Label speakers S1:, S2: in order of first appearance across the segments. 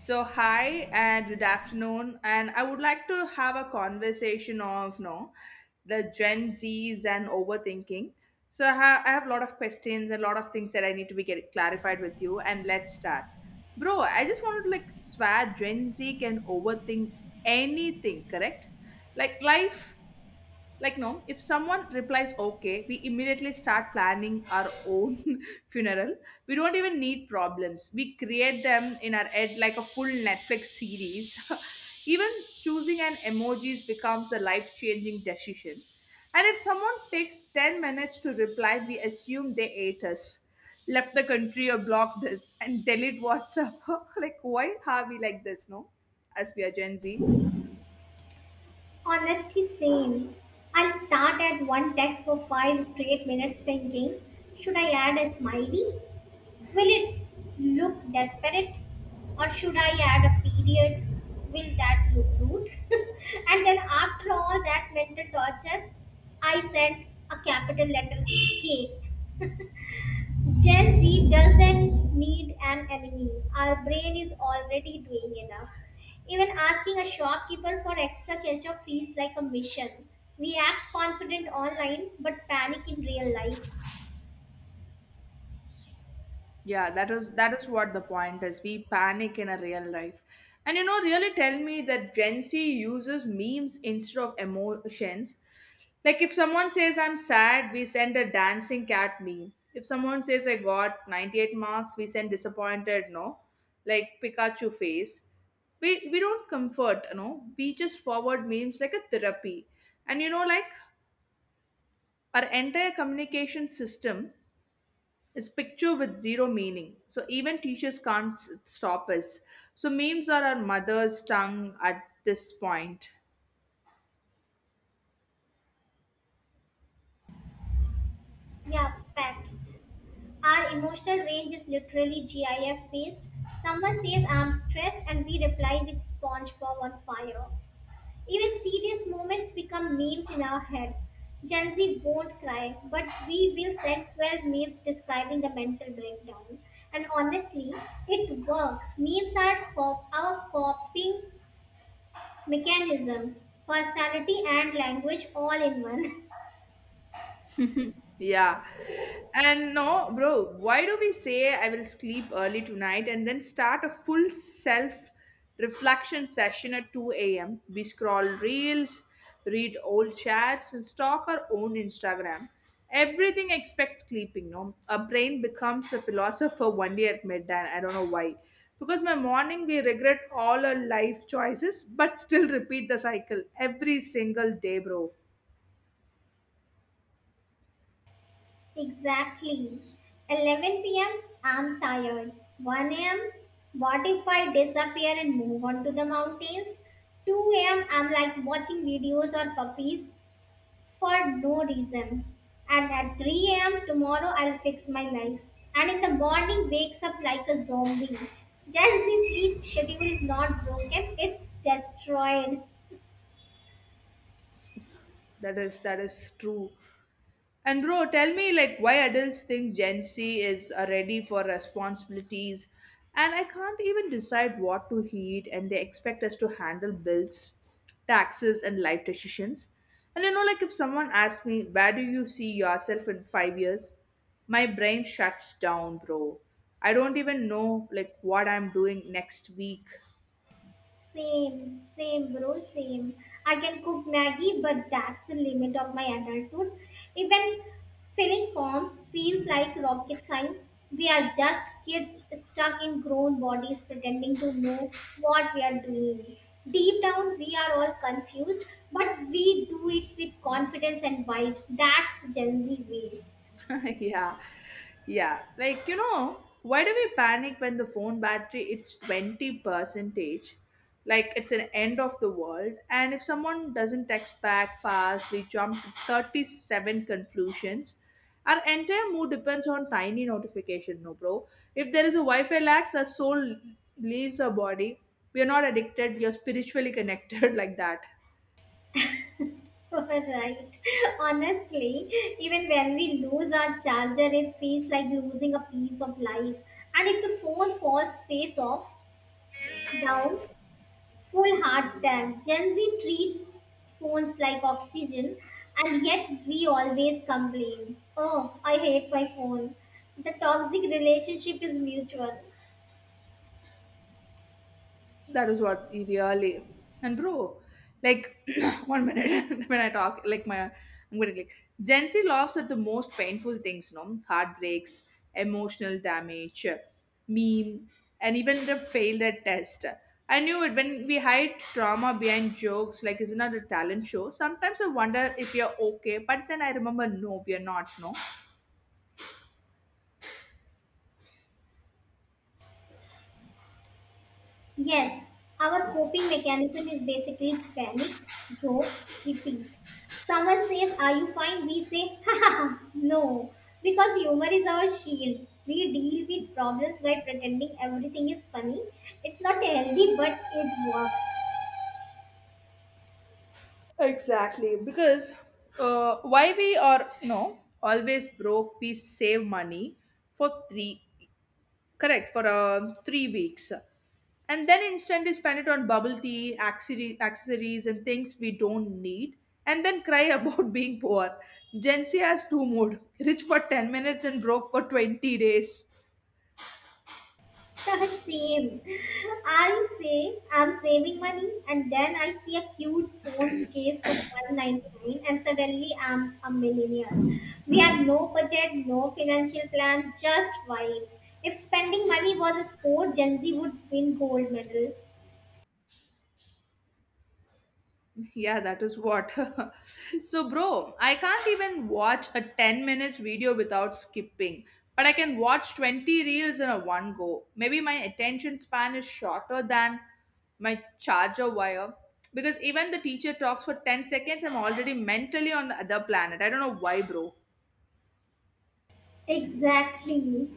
S1: So hi and good afternoon, and I would like to have a conversation of no, the Gen Zs and overthinking. So I have a lot of questions, and a lot of things that I need to be get clarified with you, and let's start, bro. I just wanted to like swear Gen Z can overthink anything, correct? Like life like, no, if someone replies okay, we immediately start planning our own funeral. We don't even need problems. We create them in our head like a full Netflix series. Even choosing an emojis becomes a life changing decision. And if someone takes 10 minutes to reply, we assume they ate us, left the country, or blocked us, and delete WhatsApp. Like, why are we like this, no? As we are Gen Z.
S2: Honestly, same. I'll start at one text for five straight minutes thinking, should I add a smiley? Will it look desperate? Or should I add a period? Will that look rude? And then, after all that mental torture, I sent a capital letter K. Gen Z doesn't need an enemy. Our brain is already doing enough. Even asking a shopkeeper for extra ketchup feels like a mission. We act confident online but panic in real life.
S1: Yeah, that is what the point is. We panic in a real life. And really tell me that Gen Z uses memes instead of emotions. Like if someone says I'm sad, we send a dancing cat meme. If someone says I got 98 marks, we send disappointed no, like Pikachu face. We don't comfort. We just forward memes like a therapy. And like our entire communication system it's picture with zero meaning. So even teachers can't stop us. So memes are our mother's tongue at this point.
S2: Yeah, facts. Our emotional range is literally GIF based. Someone says I'm stressed and we reply with SpongeBob on fire. Even serious moments become memes in our heads. Gen Z won't cry, but we will send 12 memes describing the mental breakdown. And honestly, it works. Memes are our coping mechanism, personality and language all in one.
S1: Yeah. And no, bro, why do we say I will sleep early tonight and then start a full self reflection session at 2 a.m.? We scroll reels, read old chats, and stalk our own Instagram. Everything except sleeping, no? Our brain becomes a philosopher one day at midnight. I don't know why. Because my morning, we regret all our life choices, but still repeat the cycle every single day, bro.
S2: Exactly. 11 p.m., I'm tired. 1 a.m., what if I disappear and move on to the mountains? 2 a.m., I'm like watching videos or puppies, for no reason. And at 3 a.m. tomorrow, I'll fix my life. And in the morning, wakes up like a zombie. Gen Z sleep schedule is not broken, it's destroyed.
S1: That is true. And bro, tell me like why adults think Gen Z is ready for responsibilities, and I can't even decide what to eat, and they expect us to handle bills, taxes and life decisions. And like if someone asks me where do you see yourself in 5 years, my brain shuts down, bro. I don't even know like what I'm doing next week.
S2: Same, same, bro, same. I can cook Maggie, but that's the limit of my adulthood. Even filling forms feels like rocket science. We are just kids stuck in grown bodies pretending to know what we are doing. Deep down, we are all confused, but we do it with confidence and vibes. That's the Gen Z way.
S1: Yeah, yeah, like why do we panic when the phone battery it's 20 percentage, like it's an end of the world, and if someone doesn't text back fast, we jump to 37 conclusions. Our entire mood depends on tiny notification, no bro. If there is a wi-fi lax, our soul leaves our body. We are not addicted, we are spiritually connected. Like that.
S2: Right. Honestly, even when we lose our charger, it feels like losing a piece of life. And if the phone falls face off, down, full hard time. Gen Z treats phones like oxygen, and yet we always complain. Oh, I hate my phone. The toxic relationship is mutual.
S1: That is what he really. And bro, like one minute when I talk, like my I'm gonna like Gen Z laughs at the most painful things, no heartbreaks, emotional damage, meme, and even the failed at test. I knew it when we hide trauma behind jokes, like isn't that a talent show? Sometimes I wonder if we are okay, but then I remember no, we are not, no.
S2: Yes, our coping mechanism is basically panic, joke, repeat. Someone says, are you fine? We say, ha ha ha, no. Because humor is our shield. We deal with problems by pretending everything is funny. It's not healthy, but it works.
S1: Exactly, because why we are no always broke, we save money for three for 3 weeks, and then instantly spend it on bubble tea, accessories, and things we don't need, and then cry about being poor. Gen Z has two mood: rich for 10 minutes and broke for 20 days.
S2: Same. I say I'm saving money, and then I see a cute phone's case for 1.99, and suddenly I'm a millionaire. We have no budget, no financial plan, just vibes. If spending money was a sport, Gen Z would win gold medal.
S1: Yeah, that is what. So, bro, I can't even watch a 10 minutes video without skipping, but I can watch 20 reels in a one go. Maybe my attention span is shorter than my charger wire, because even the teacher talks for 10 seconds, I'm already mentally on the other planet. I don't know why, bro.
S2: Exactly.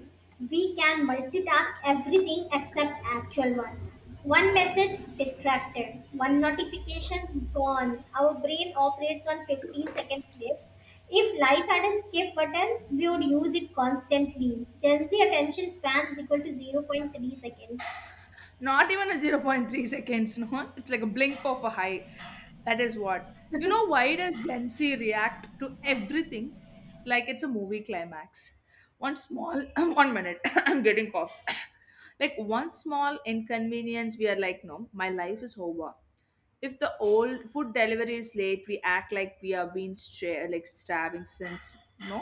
S2: We can multitask everything except actual work. One message distracted, one notification gone. Our brain operates on 15-second clips. If life had a skip button, we would use it constantly. Gen Z attention span is equal to zero point 0.3 seconds.
S1: Not even a zero point 0.3 seconds, no, it's like a blink of a eye. That is what. Why does Gen Z react to everything like it's a movie climax? One small, one minute, I'm getting cough, like one small inconvenience, we are like no my life is over. If the old food delivery is late, we act like we are being like starving since no,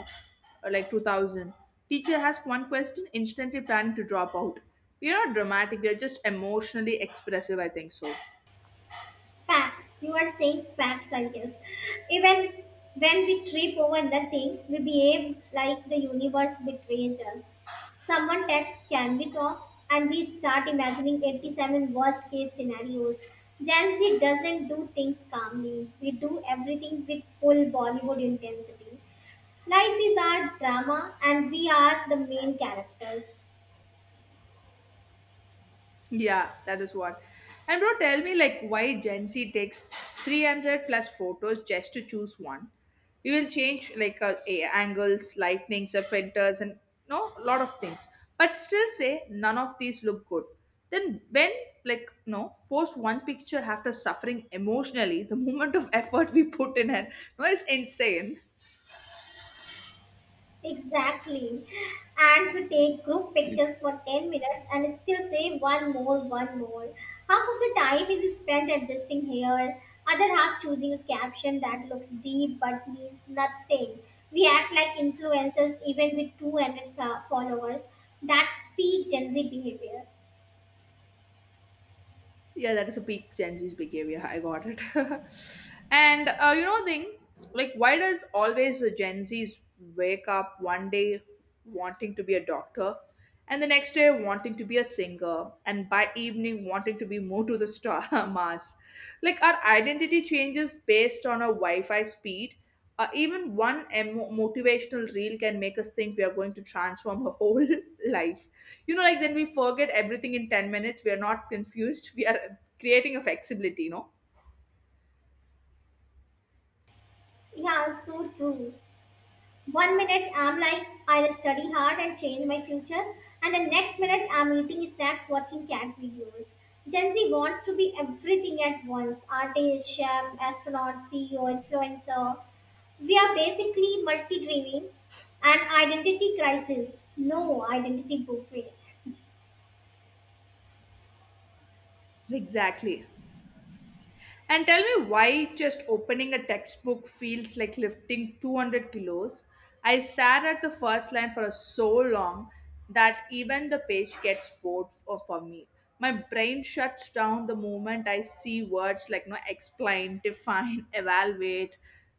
S1: like 2000. Teacher asks one question, instantly planning to drop out. We are not dramatic. We are just emotionally expressive. I think so.
S2: Facts. You are saying facts, I guess. Even when we trip over nothing, we behave like the universe betrayed us. Someone texts, can we talk? And we start imagining 87 worst case scenarios. Gen Z doesn't do things calmly. We do everything with full Bollywood intensity. Life is our drama, and we are the main characters.
S1: Yeah, that is what. And bro, tell me like why Gen Z takes 300 plus photos just to choose one. We will change like angles, lightnings, filters, and no lot of things. But still say none of these look good. Then when like no post one picture after suffering emotionally, the moment of effort we put in it no is insane.
S2: Exactly. And we take group pictures for 10 minutes and still say one more, one more. Half of the time is spent adjusting hair, other half choosing a caption that looks deep but means nothing. We act like influencers even with 200 followers. That's peak Gen Z behavior.
S1: Yeah, that is a peak Gen Z's behavior. I got it. And thing like, why does always the Gen Z's wake up one day wanting to be a doctor, and the next day wanting to be a singer, and by evening wanting to be more to the star Mars? Like, our identity changes based on our Wi-Fi speed, even one motivational reel can make us think we are going to transform our whole life. Like then we forget everything in 10 minutes. We are not confused. We are creating a flexibility, you know?
S2: Yeah, so true. One minute I'm like, I'll study hard and change my future, and the next minute I'm eating snacks watching cat videos. Gen Z wants to be everything at once: artist, chef, astronaut, CEO, influencer. We are basically multi dreaming and identity crisis. No, identity buffet.
S1: Exactly. And tell me why just opening a textbook feels like lifting 200 kilos. I stared at the first line for so long that even the page gets bored for me. My brain shuts down the moment I see words like no explain, define, evaluate,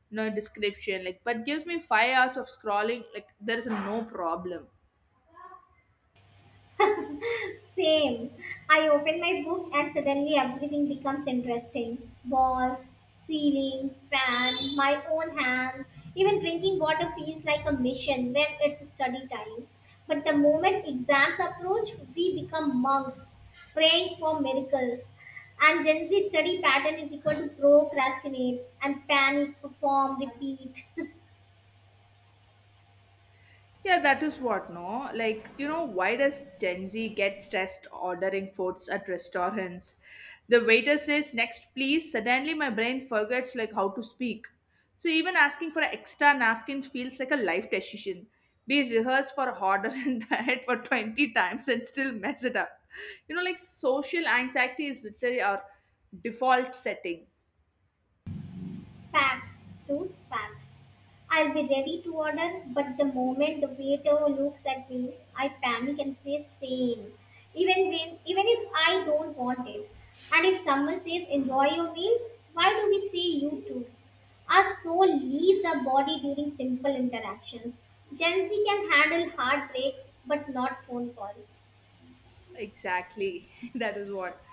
S1: no description, like but gives me 5 hours of scrolling, like there is no problem.
S2: Same. I open my book and suddenly everything becomes interesting. Walls, ceiling, fan, my own hand. Even drinking water feels like a mission when it's study time. But the moment exams approach, we become monks, praying for miracles. And Gen Z study pattern is equal to procrastinate and panic, perform, repeat.
S1: Yeah, that is what, no? Like, why does Gen Z get stressed ordering foods at restaurants? The waiter says, next, please. Suddenly, my brain forgets, like, how to speak. So, even asking for extra napkins feels like a life decision. We rehearse for order and diet for 20 times and still mess it up. Social anxiety is literally our default setting.
S2: Fabs, dude, fabs. I'll be ready to order, but the moment the waiter looks at me, I panic and say same. Even if I don't want it. And if someone says enjoy your meal, why do we say you too? Our soul leaves our body during simple interactions. Gen Z can handle heartbreak, but not phone calls.
S1: Exactly. That is what.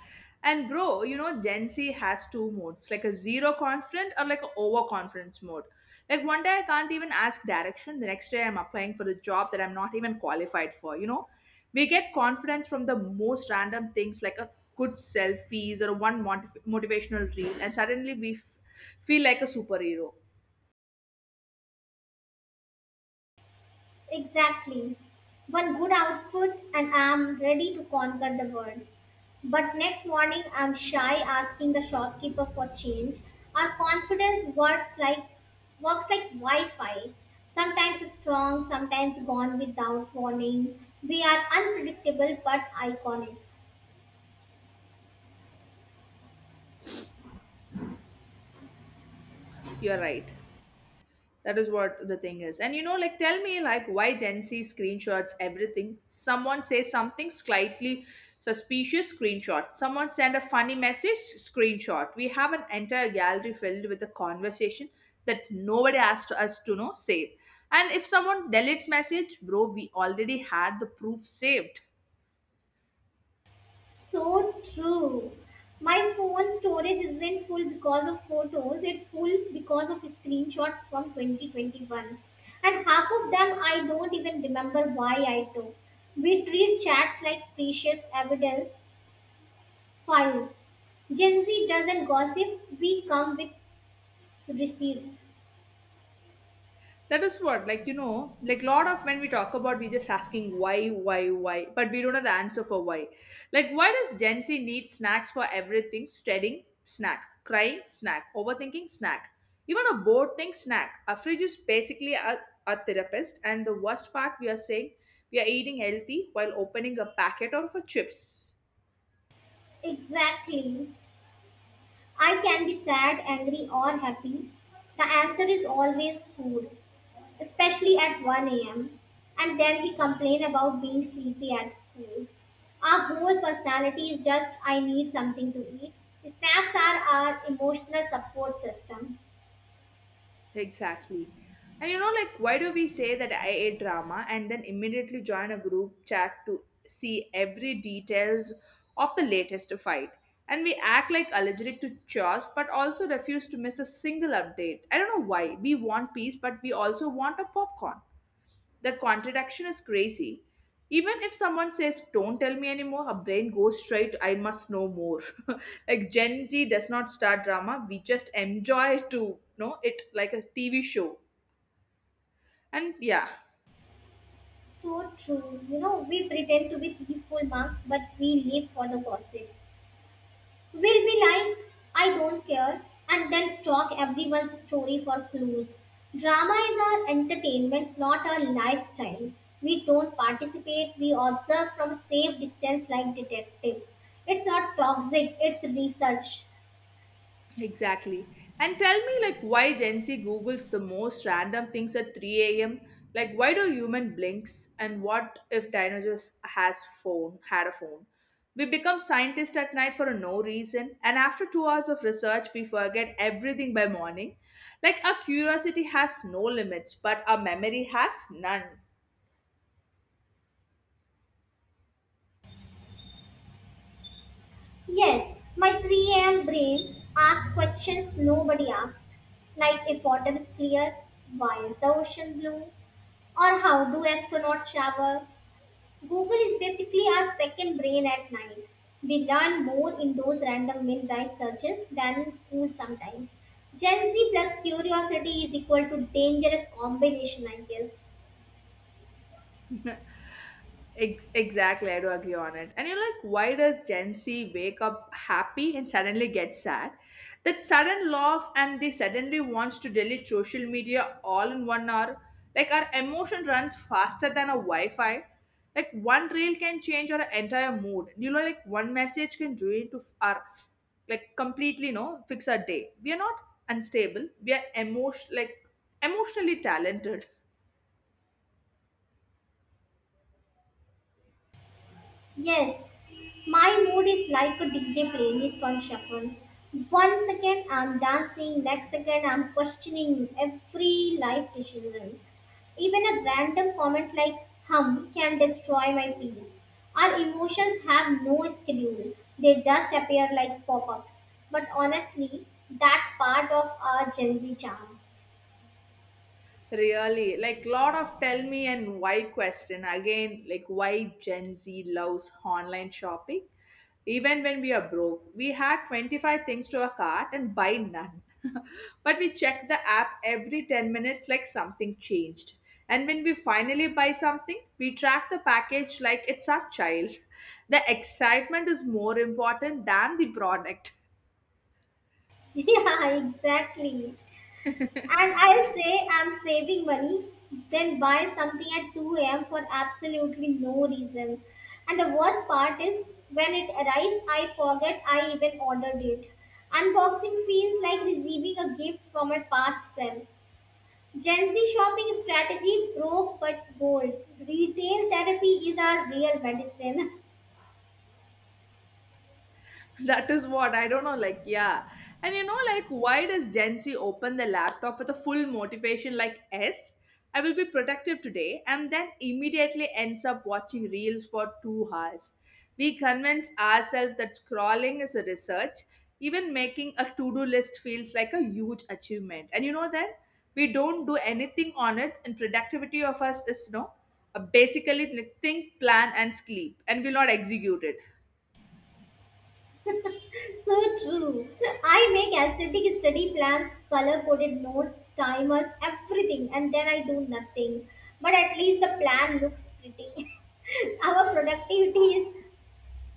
S1: And bro, Gen Z has two modes, like a zero confident or like a overconfidence mode. Like one day I can't even ask direction, the next day I'm applying for the job that I'm not even qualified for, you know? We get confidence from the most random things like a good selfies or one motivational reel, and suddenly we feel like a superhero.
S2: Exactly. One good outfit and I'm ready to conquer the world. But next morning I'm shy asking the shopkeeper for change. Our confidence works like Wi-Fi. Sometimes strong, sometimes gone without warning. We are unpredictable but iconic.
S1: You're right. That is what the thing is. And like, tell me, like, why Gen Z screenshots everything? Someone says something slightly suspicious, screenshot. Someone send a funny message, screenshot. We have an entire gallery filled with a conversation that nobody asked us to know, save. And if someone deletes message, bro, we already had the proof saved.
S2: So true. My phone storage isn't full because of photos, it's full because of screenshots from 2021. And half of them I don't even remember why I took. We treat chats like precious evidence files. Gen Z doesn't gossip, we come with receipts.
S1: That is what, like, like, lot of when we talk about, we just asking why, but we don't have the answer for why. Like, why does Gen Z need snacks for everything? Studying, snack. Crying, snack. Overthinking, snack. Even a bored thing, snack. Our fridge is basically a therapist, and the worst part, we are saying we are eating healthy while opening a packet of a chips.
S2: Exactly. I can be sad, angry, or happy. The answer is always food, especially at 1 a.m., and then we complain about being sleepy at school. Our whole personality is just, I need something to eat. Snacks are our emotional support system.
S1: Exactly. And like, why do we say that I a drama and then immediately join a group chat to see every details of the latest fight? And we act like allergic to chores, but also refuse to miss a single update. I don't know why. We want peace, but we also want a popcorn. The contradiction is crazy. Even if someone says, Don't tell me anymore, her brain goes straight, I must know more. Like Gen Z does not start drama, we just enjoy to know it like a TV show. And yeah,
S2: So true. You know, we pretend to be peaceful monks, but we live for the gossip. Will be like, I don't care, and then stalk everyone's story for clues. Drama is our entertainment, not our lifestyle. We don't participate, we observe from safe distance like detectives. It's not toxic, it's research.
S1: exactly. And tell me, like, why Gen Z Googles the most random things at 3 a.m.? Like, why do human blinks? And what if dinosaurs has phone had a phone? We become scientists at night for no reason, and after 2 hours of research, we forget everything by morning. Like, our curiosity has no limits, but our memory has none.
S2: Yes, my 3 a.m. brain asks questions nobody asked, like if water is clear, why is the ocean blue? Or how do astronauts shower? Google is basically our second brain at night. We learn more in those random midnight searches than in school sometimes. Gen Z plus curiosity is equal to dangerous combination, I guess.
S1: Exactly, I do agree on it. And you're like, why does Gen Z wake up happy and suddenly get sad? That sudden laugh and they suddenly wants to delete social media all in one hour. Like our emotion runs faster than a Wi-Fi. Like one reel can change our entire mood. Like one message can ruin to our like completely no fix our day. We are not unstable. We are emotionally talented.
S2: Yes, my mood is like a DJ playlist on shuffle. One second I'm dancing, next second I'm questioning every life decision. Even a random comment like hum can destroy my peace. Our emotions have no schedule, they just appear like pop ups. But honestly, that's part of our Gen Z charm.
S1: Really, like lot of tell me and why question again, like why Gen Z loves online shopping. Even when we are broke, we had 25 things to a cart and buy none. But we check the app every 10 minutes like something changed. And when we finally buy something, we track the package like it's our child. The excitement is more important than the product.
S2: Yeah, exactly. And I'll say I'm saving money, then buy something at 2 a.m. for absolutely no reason. And the worst part is when it arrives, I forget I even ordered it. Unboxing feels like receiving a gift from my past self. Gen Z shopping strategy broke but bold. Retail therapy is our real medicine.
S1: That is what I don't know. Like, yeah, and you know, like, why does Gen Z open the laptop with a full motivation like S? I will be productive today, and then immediately ends up watching reels for 2 hours. We convince ourselves that scrolling is a research. Even making a to-do list feels like a huge achievement, and you know that we don't do anything on it, and productivity of us is no, basically like, think, plan, and sleep, and will not execute it.
S2: So true. So, I make aesthetic study plans, color coded notes, timers, everything, and then I do nothing. But at least the plan looks pretty. Our productivity is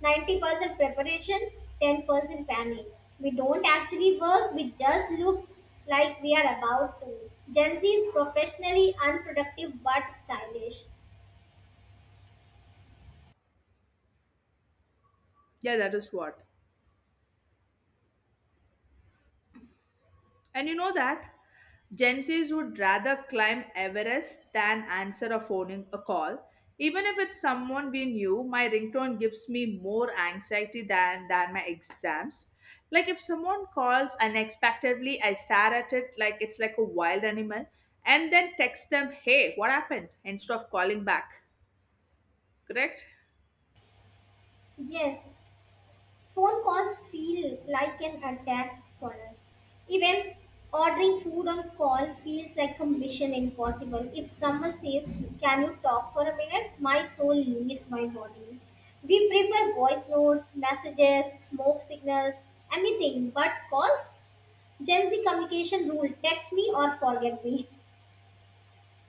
S2: 90% preparation, 10% panic. We don't actually work, we just look like we are about to. Gen Z is professionally unproductive but stylish.
S1: Yeah, that is what. And you know that Gen Zs would rather climb Everest than answer a phone a call. Even if it's someone we knew, my ringtone gives me more anxiety than my exams. Like if someone calls unexpectedly, I stare at it like it's like a wild animal and then text them, hey, what happened? Instead of calling back. Correct?
S2: Yes. Phone calls feel like an attack for us. Even ordering food on call feels like a mission impossible. If someone says, can you talk for a minute? My soul leaves my body. We prefer voice notes, messages, smoke signals, anything but calls. Gen Z communication rule: text me or forget me.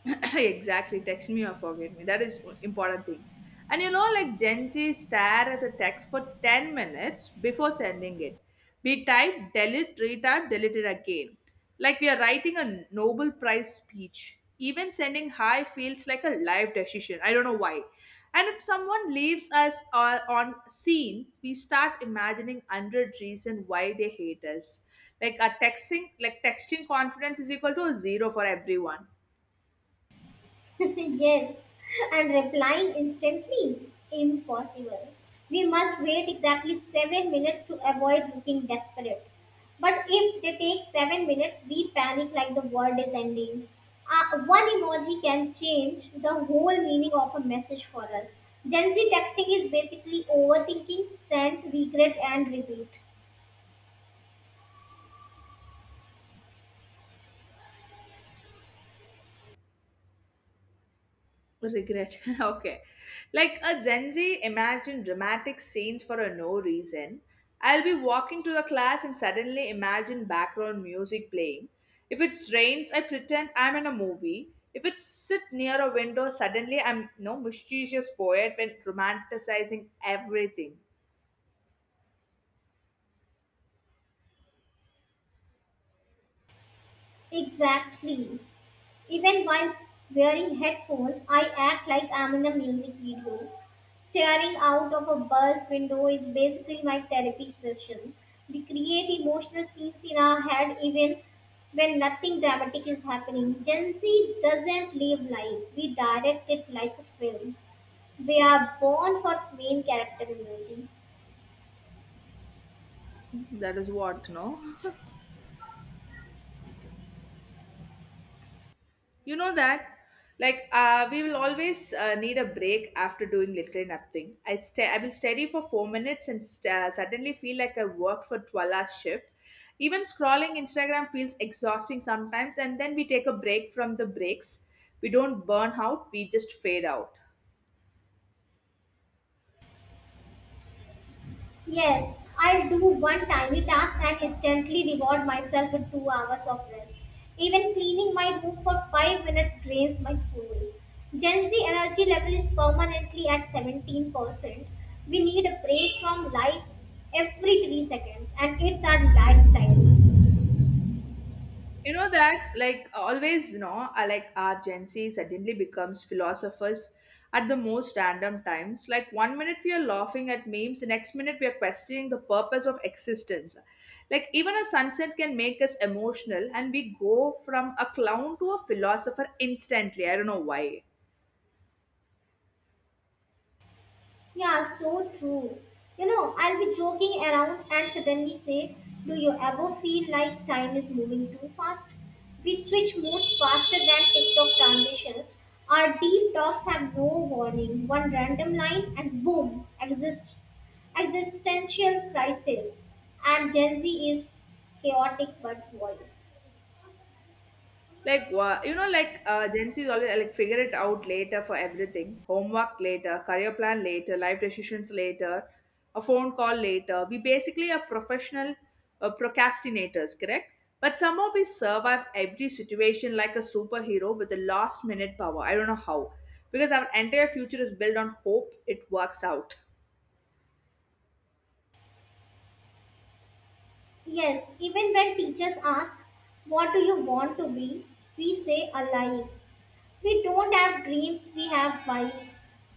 S1: Exactly, text me or forget me, that is important thing. And you know like Gen Z stare at a text for 10 minutes before sending it. We type, delete, retype, delete it again, like we are writing a Nobel Prize speech. Even sending hi feels like a life decision, I don't know why. And if someone leaves us on scene, we start imagining 100 reason why they hate us. Like a texting, like texting confidence is equal to a zero for everyone.
S2: Yes, and replying instantly? Impossible. We must wait exactly 7 minutes to avoid looking desperate. But if they take 7 minutes, we panic like the world is ending. One emoji can change the whole meaning of a message for us. Gen Z texting is basically overthinking, send, regret, and repeat.
S1: Regret. Okay. Like a Gen Z imagine dramatic scenes for a no reason. I'll be walking to the class and suddenly imagine background music playing. If it rains, I pretend I'm in a movie. If it sit near a window, suddenly I'm no mischievous poet when romanticizing everything.
S2: Exactly. Even while wearing headphones, I act like I'm in a music video. Staring out of a bus window is basically my therapy session. We create emotional scenes in our head even when nothing dramatic is happening. Gen Z doesn't live life, we direct it like a film. We are born for main character energy.
S1: That is what, no? you know that like We will always need a break after doing literally nothing. I will study for 4 minutes and suddenly feel like I work for 12-hour shift. Even scrolling Instagram feels exhausting sometimes, and then we take a break from the breaks. We don't burn out, we just fade out.
S2: Yes, I'll do one tiny task and instantly reward myself with 2 hours of rest. Even cleaning my room for 5 minutes drains my soul. Gen Z energy level is permanently at 17%. We need a break from life every 3 seconds, and it's our lifestyle.
S1: You know that, like always, you know, I like our Gen Z suddenly becomes philosophers at the most random times. Like 1 minute we are laughing at memes, the next minute we are questioning the purpose of existence. Like even a sunset can make us emotional, and we go from a clown to a philosopher instantly. I don't know why.
S2: Yeah, so true. You know, I'll be joking around and suddenly say, do you ever feel like time is moving too fast? We switch modes faster than TikTok transitions. Our deep talks have no warning. One random line and boom, existential crisis. And Gen Z is chaotic but wise.
S1: Like what you know, like Gen Z is always like figure it out later for everything. Homework later, career plan later, life decisions later, a phone call later. We basically are professional procrastinators, correct? But somehow we survive every situation like a superhero with a last minute power. I don't know how, because our entire future is built on hope it works out.
S2: Yes, even when teachers ask, what do you want to be? We say alive. We don't have dreams, we have vibes.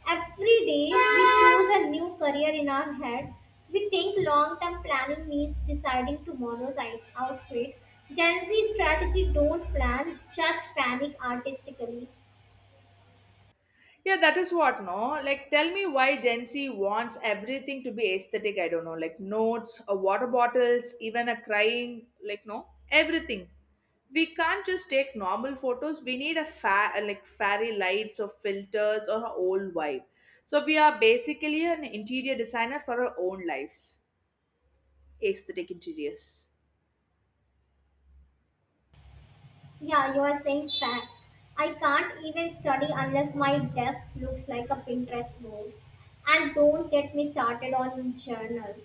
S2: Every day we choose a new career in our head. We think long term planning means deciding outfit. Gen Z strategy don't plan, just panic artistically.
S1: Yeah, that is what, no? Like, tell me why Gen Z wants everything to be aesthetic. I don't know, like notes, water bottles, even a crying, like, no, everything. We can't just take normal photos. We need a like fairy lights or filters or a old vibe. So we are basically an interior designer for our own lives, aesthetic interiors.
S2: Yeah, you are saying facts. I can't even study unless my desk looks like a Pinterest board. And don't get me started on journals.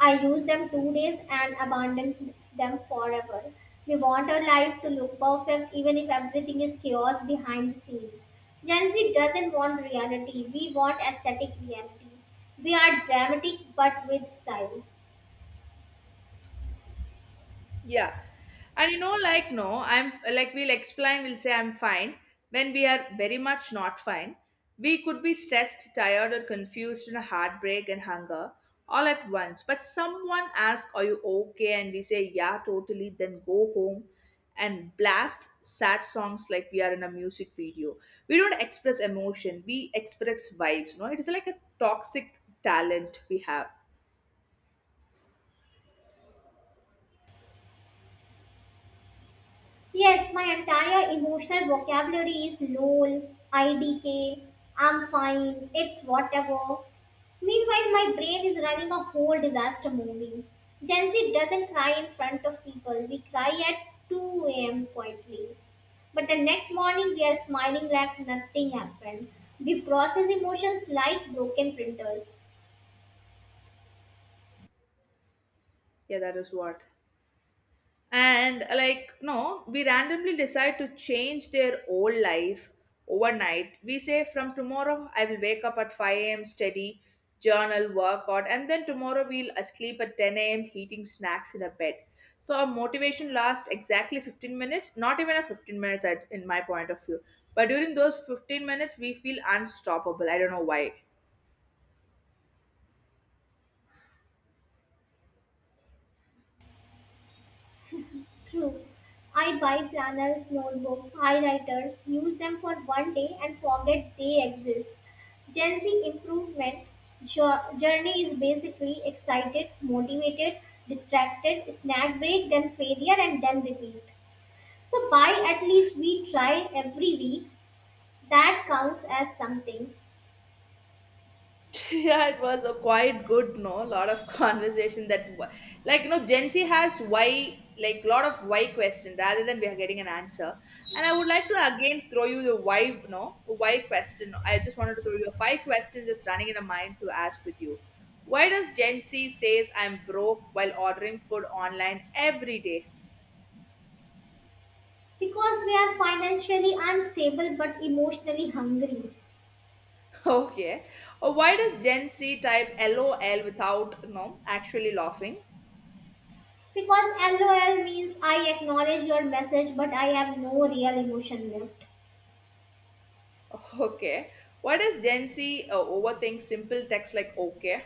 S2: I used them 2 days and abandoned them forever. We want our life to look perfect even if everything is chaos behind the scenes. Gen Z doesn't want reality, we want aesthetic reality. We are dramatic but with style.
S1: Yeah. And you know, like, no, I'm like, we'll explain, we'll say I'm fine. When we are very much not fine, we could be stressed, tired, or confused, and heartbreak and hunger all at once. But someone asks, are you okay? And we say, yeah, totally. Then go home and blast sad songs like we are in a music video. We don't express emotion, we express vibes. No, it is like a toxic talent we have.
S2: Yes, my entire emotional vocabulary is lol, idk, I'm fine, it's whatever. Meanwhile, my brain is running a whole disaster movie. Gen Z doesn't cry in front of people. We cry at 2 a.m. quietly. But the next morning, we are smiling like nothing happened. We process emotions like broken printers.
S1: Yeah, that is what. And like no, we randomly decide to change their whole life overnight. We say, from tomorrow I will wake up at 5 a.m., study, journal, workout, and then tomorrow we'll sleep at 10 a.m. eating snacks in a bed. So our motivation lasts exactly 15 minutes, not even a 15 minutes at, in my point of view. But during those 15 minutes we feel unstoppable, I don't know why.
S2: True. I buy planners, notebooks, highlighters, use them for one day and forget they exist. Gen Z improvement journey is basically excited, motivated, distracted, snack break, then failure, and then repeat. So by at least we try every week. That counts as something.
S1: Yeah, it was a quite good no lot of conversation, like you know Gen Z has why, like lot of why question rather than we are getting an answer. And I would like to again throw you the why no why question. I just wanted to throw you a five questions just running in a mind to ask with you. Why does Gen Z says I'm broke while ordering food online every day?
S2: Because we are financially unstable but emotionally hungry.
S1: Okay. Or why does Gen Z type lol without no actually laughing?
S2: Because LOL means I acknowledge your message, but I have no real emotion left.
S1: Okay. Why does Gen Z overthink simple text like okay?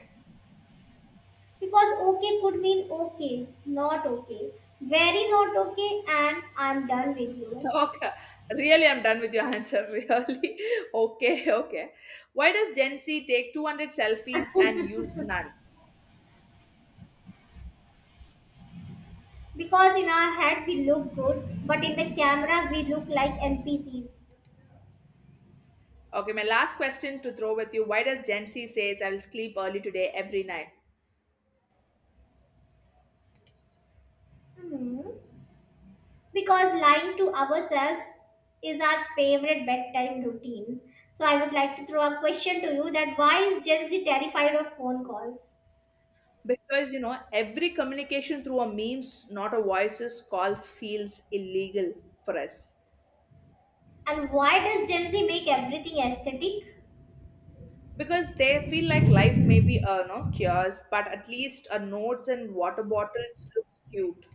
S2: Because okay could mean okay, not okay, very not okay, and I'm done with you.
S1: Okay. Really, I'm done with your answer. Really. Okay. Okay. Why does Gen Z take 200 selfies and use none?
S2: Because in our head we look good, but in the camera we look like NPCs.
S1: Okay. My last question to throw with you. Why does Gen Z says I will sleep early today every night?
S2: Hmm. Because lying to ourselves is our favorite bedtime routine. So I would like to throw a question to you that why is Gen Z terrified of phone calls?
S1: Because, you know, every communication through a memes, not a voices call feels illegal for us.
S2: And why does Gen Z make everything aesthetic?
S1: Because they feel like life may be no cures, but at least a notes and water bottles looks cute.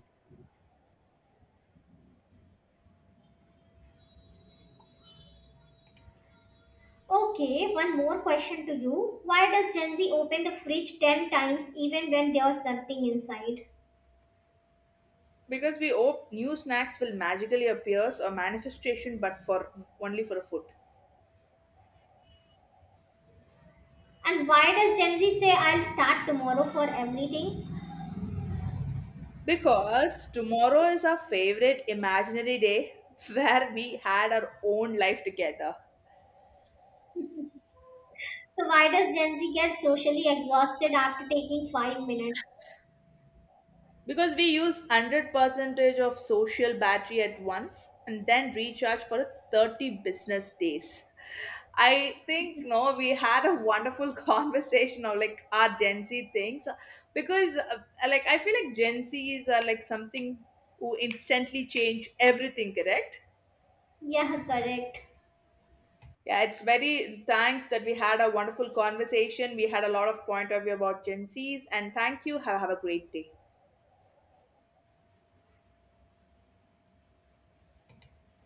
S2: Okay, one more question to you. Why does Gen Z open the fridge 10 times even when there's nothing inside?
S1: Because we hope new snacks will magically appear or manifestation, but for only for a foot.
S2: And why does Gen Z say I'll start tomorrow for everything?
S1: Because tomorrow is our favorite imaginary day where we had our own life together.
S2: So why does Gen Z get socially exhausted after taking 5 minutes?
S1: Because we use 100 percentage of social battery at once and then recharge for 30 business days. I think no We had a wonderful conversation of like our Gen Z things, because like I feel like Gen Z's are like something who instantly change everything, correct?
S2: Yeah, correct.
S1: Yeah, it's very thanks that we had a wonderful conversation. We had a lot of point of view about Gen Zs, and thank you. Have a great day.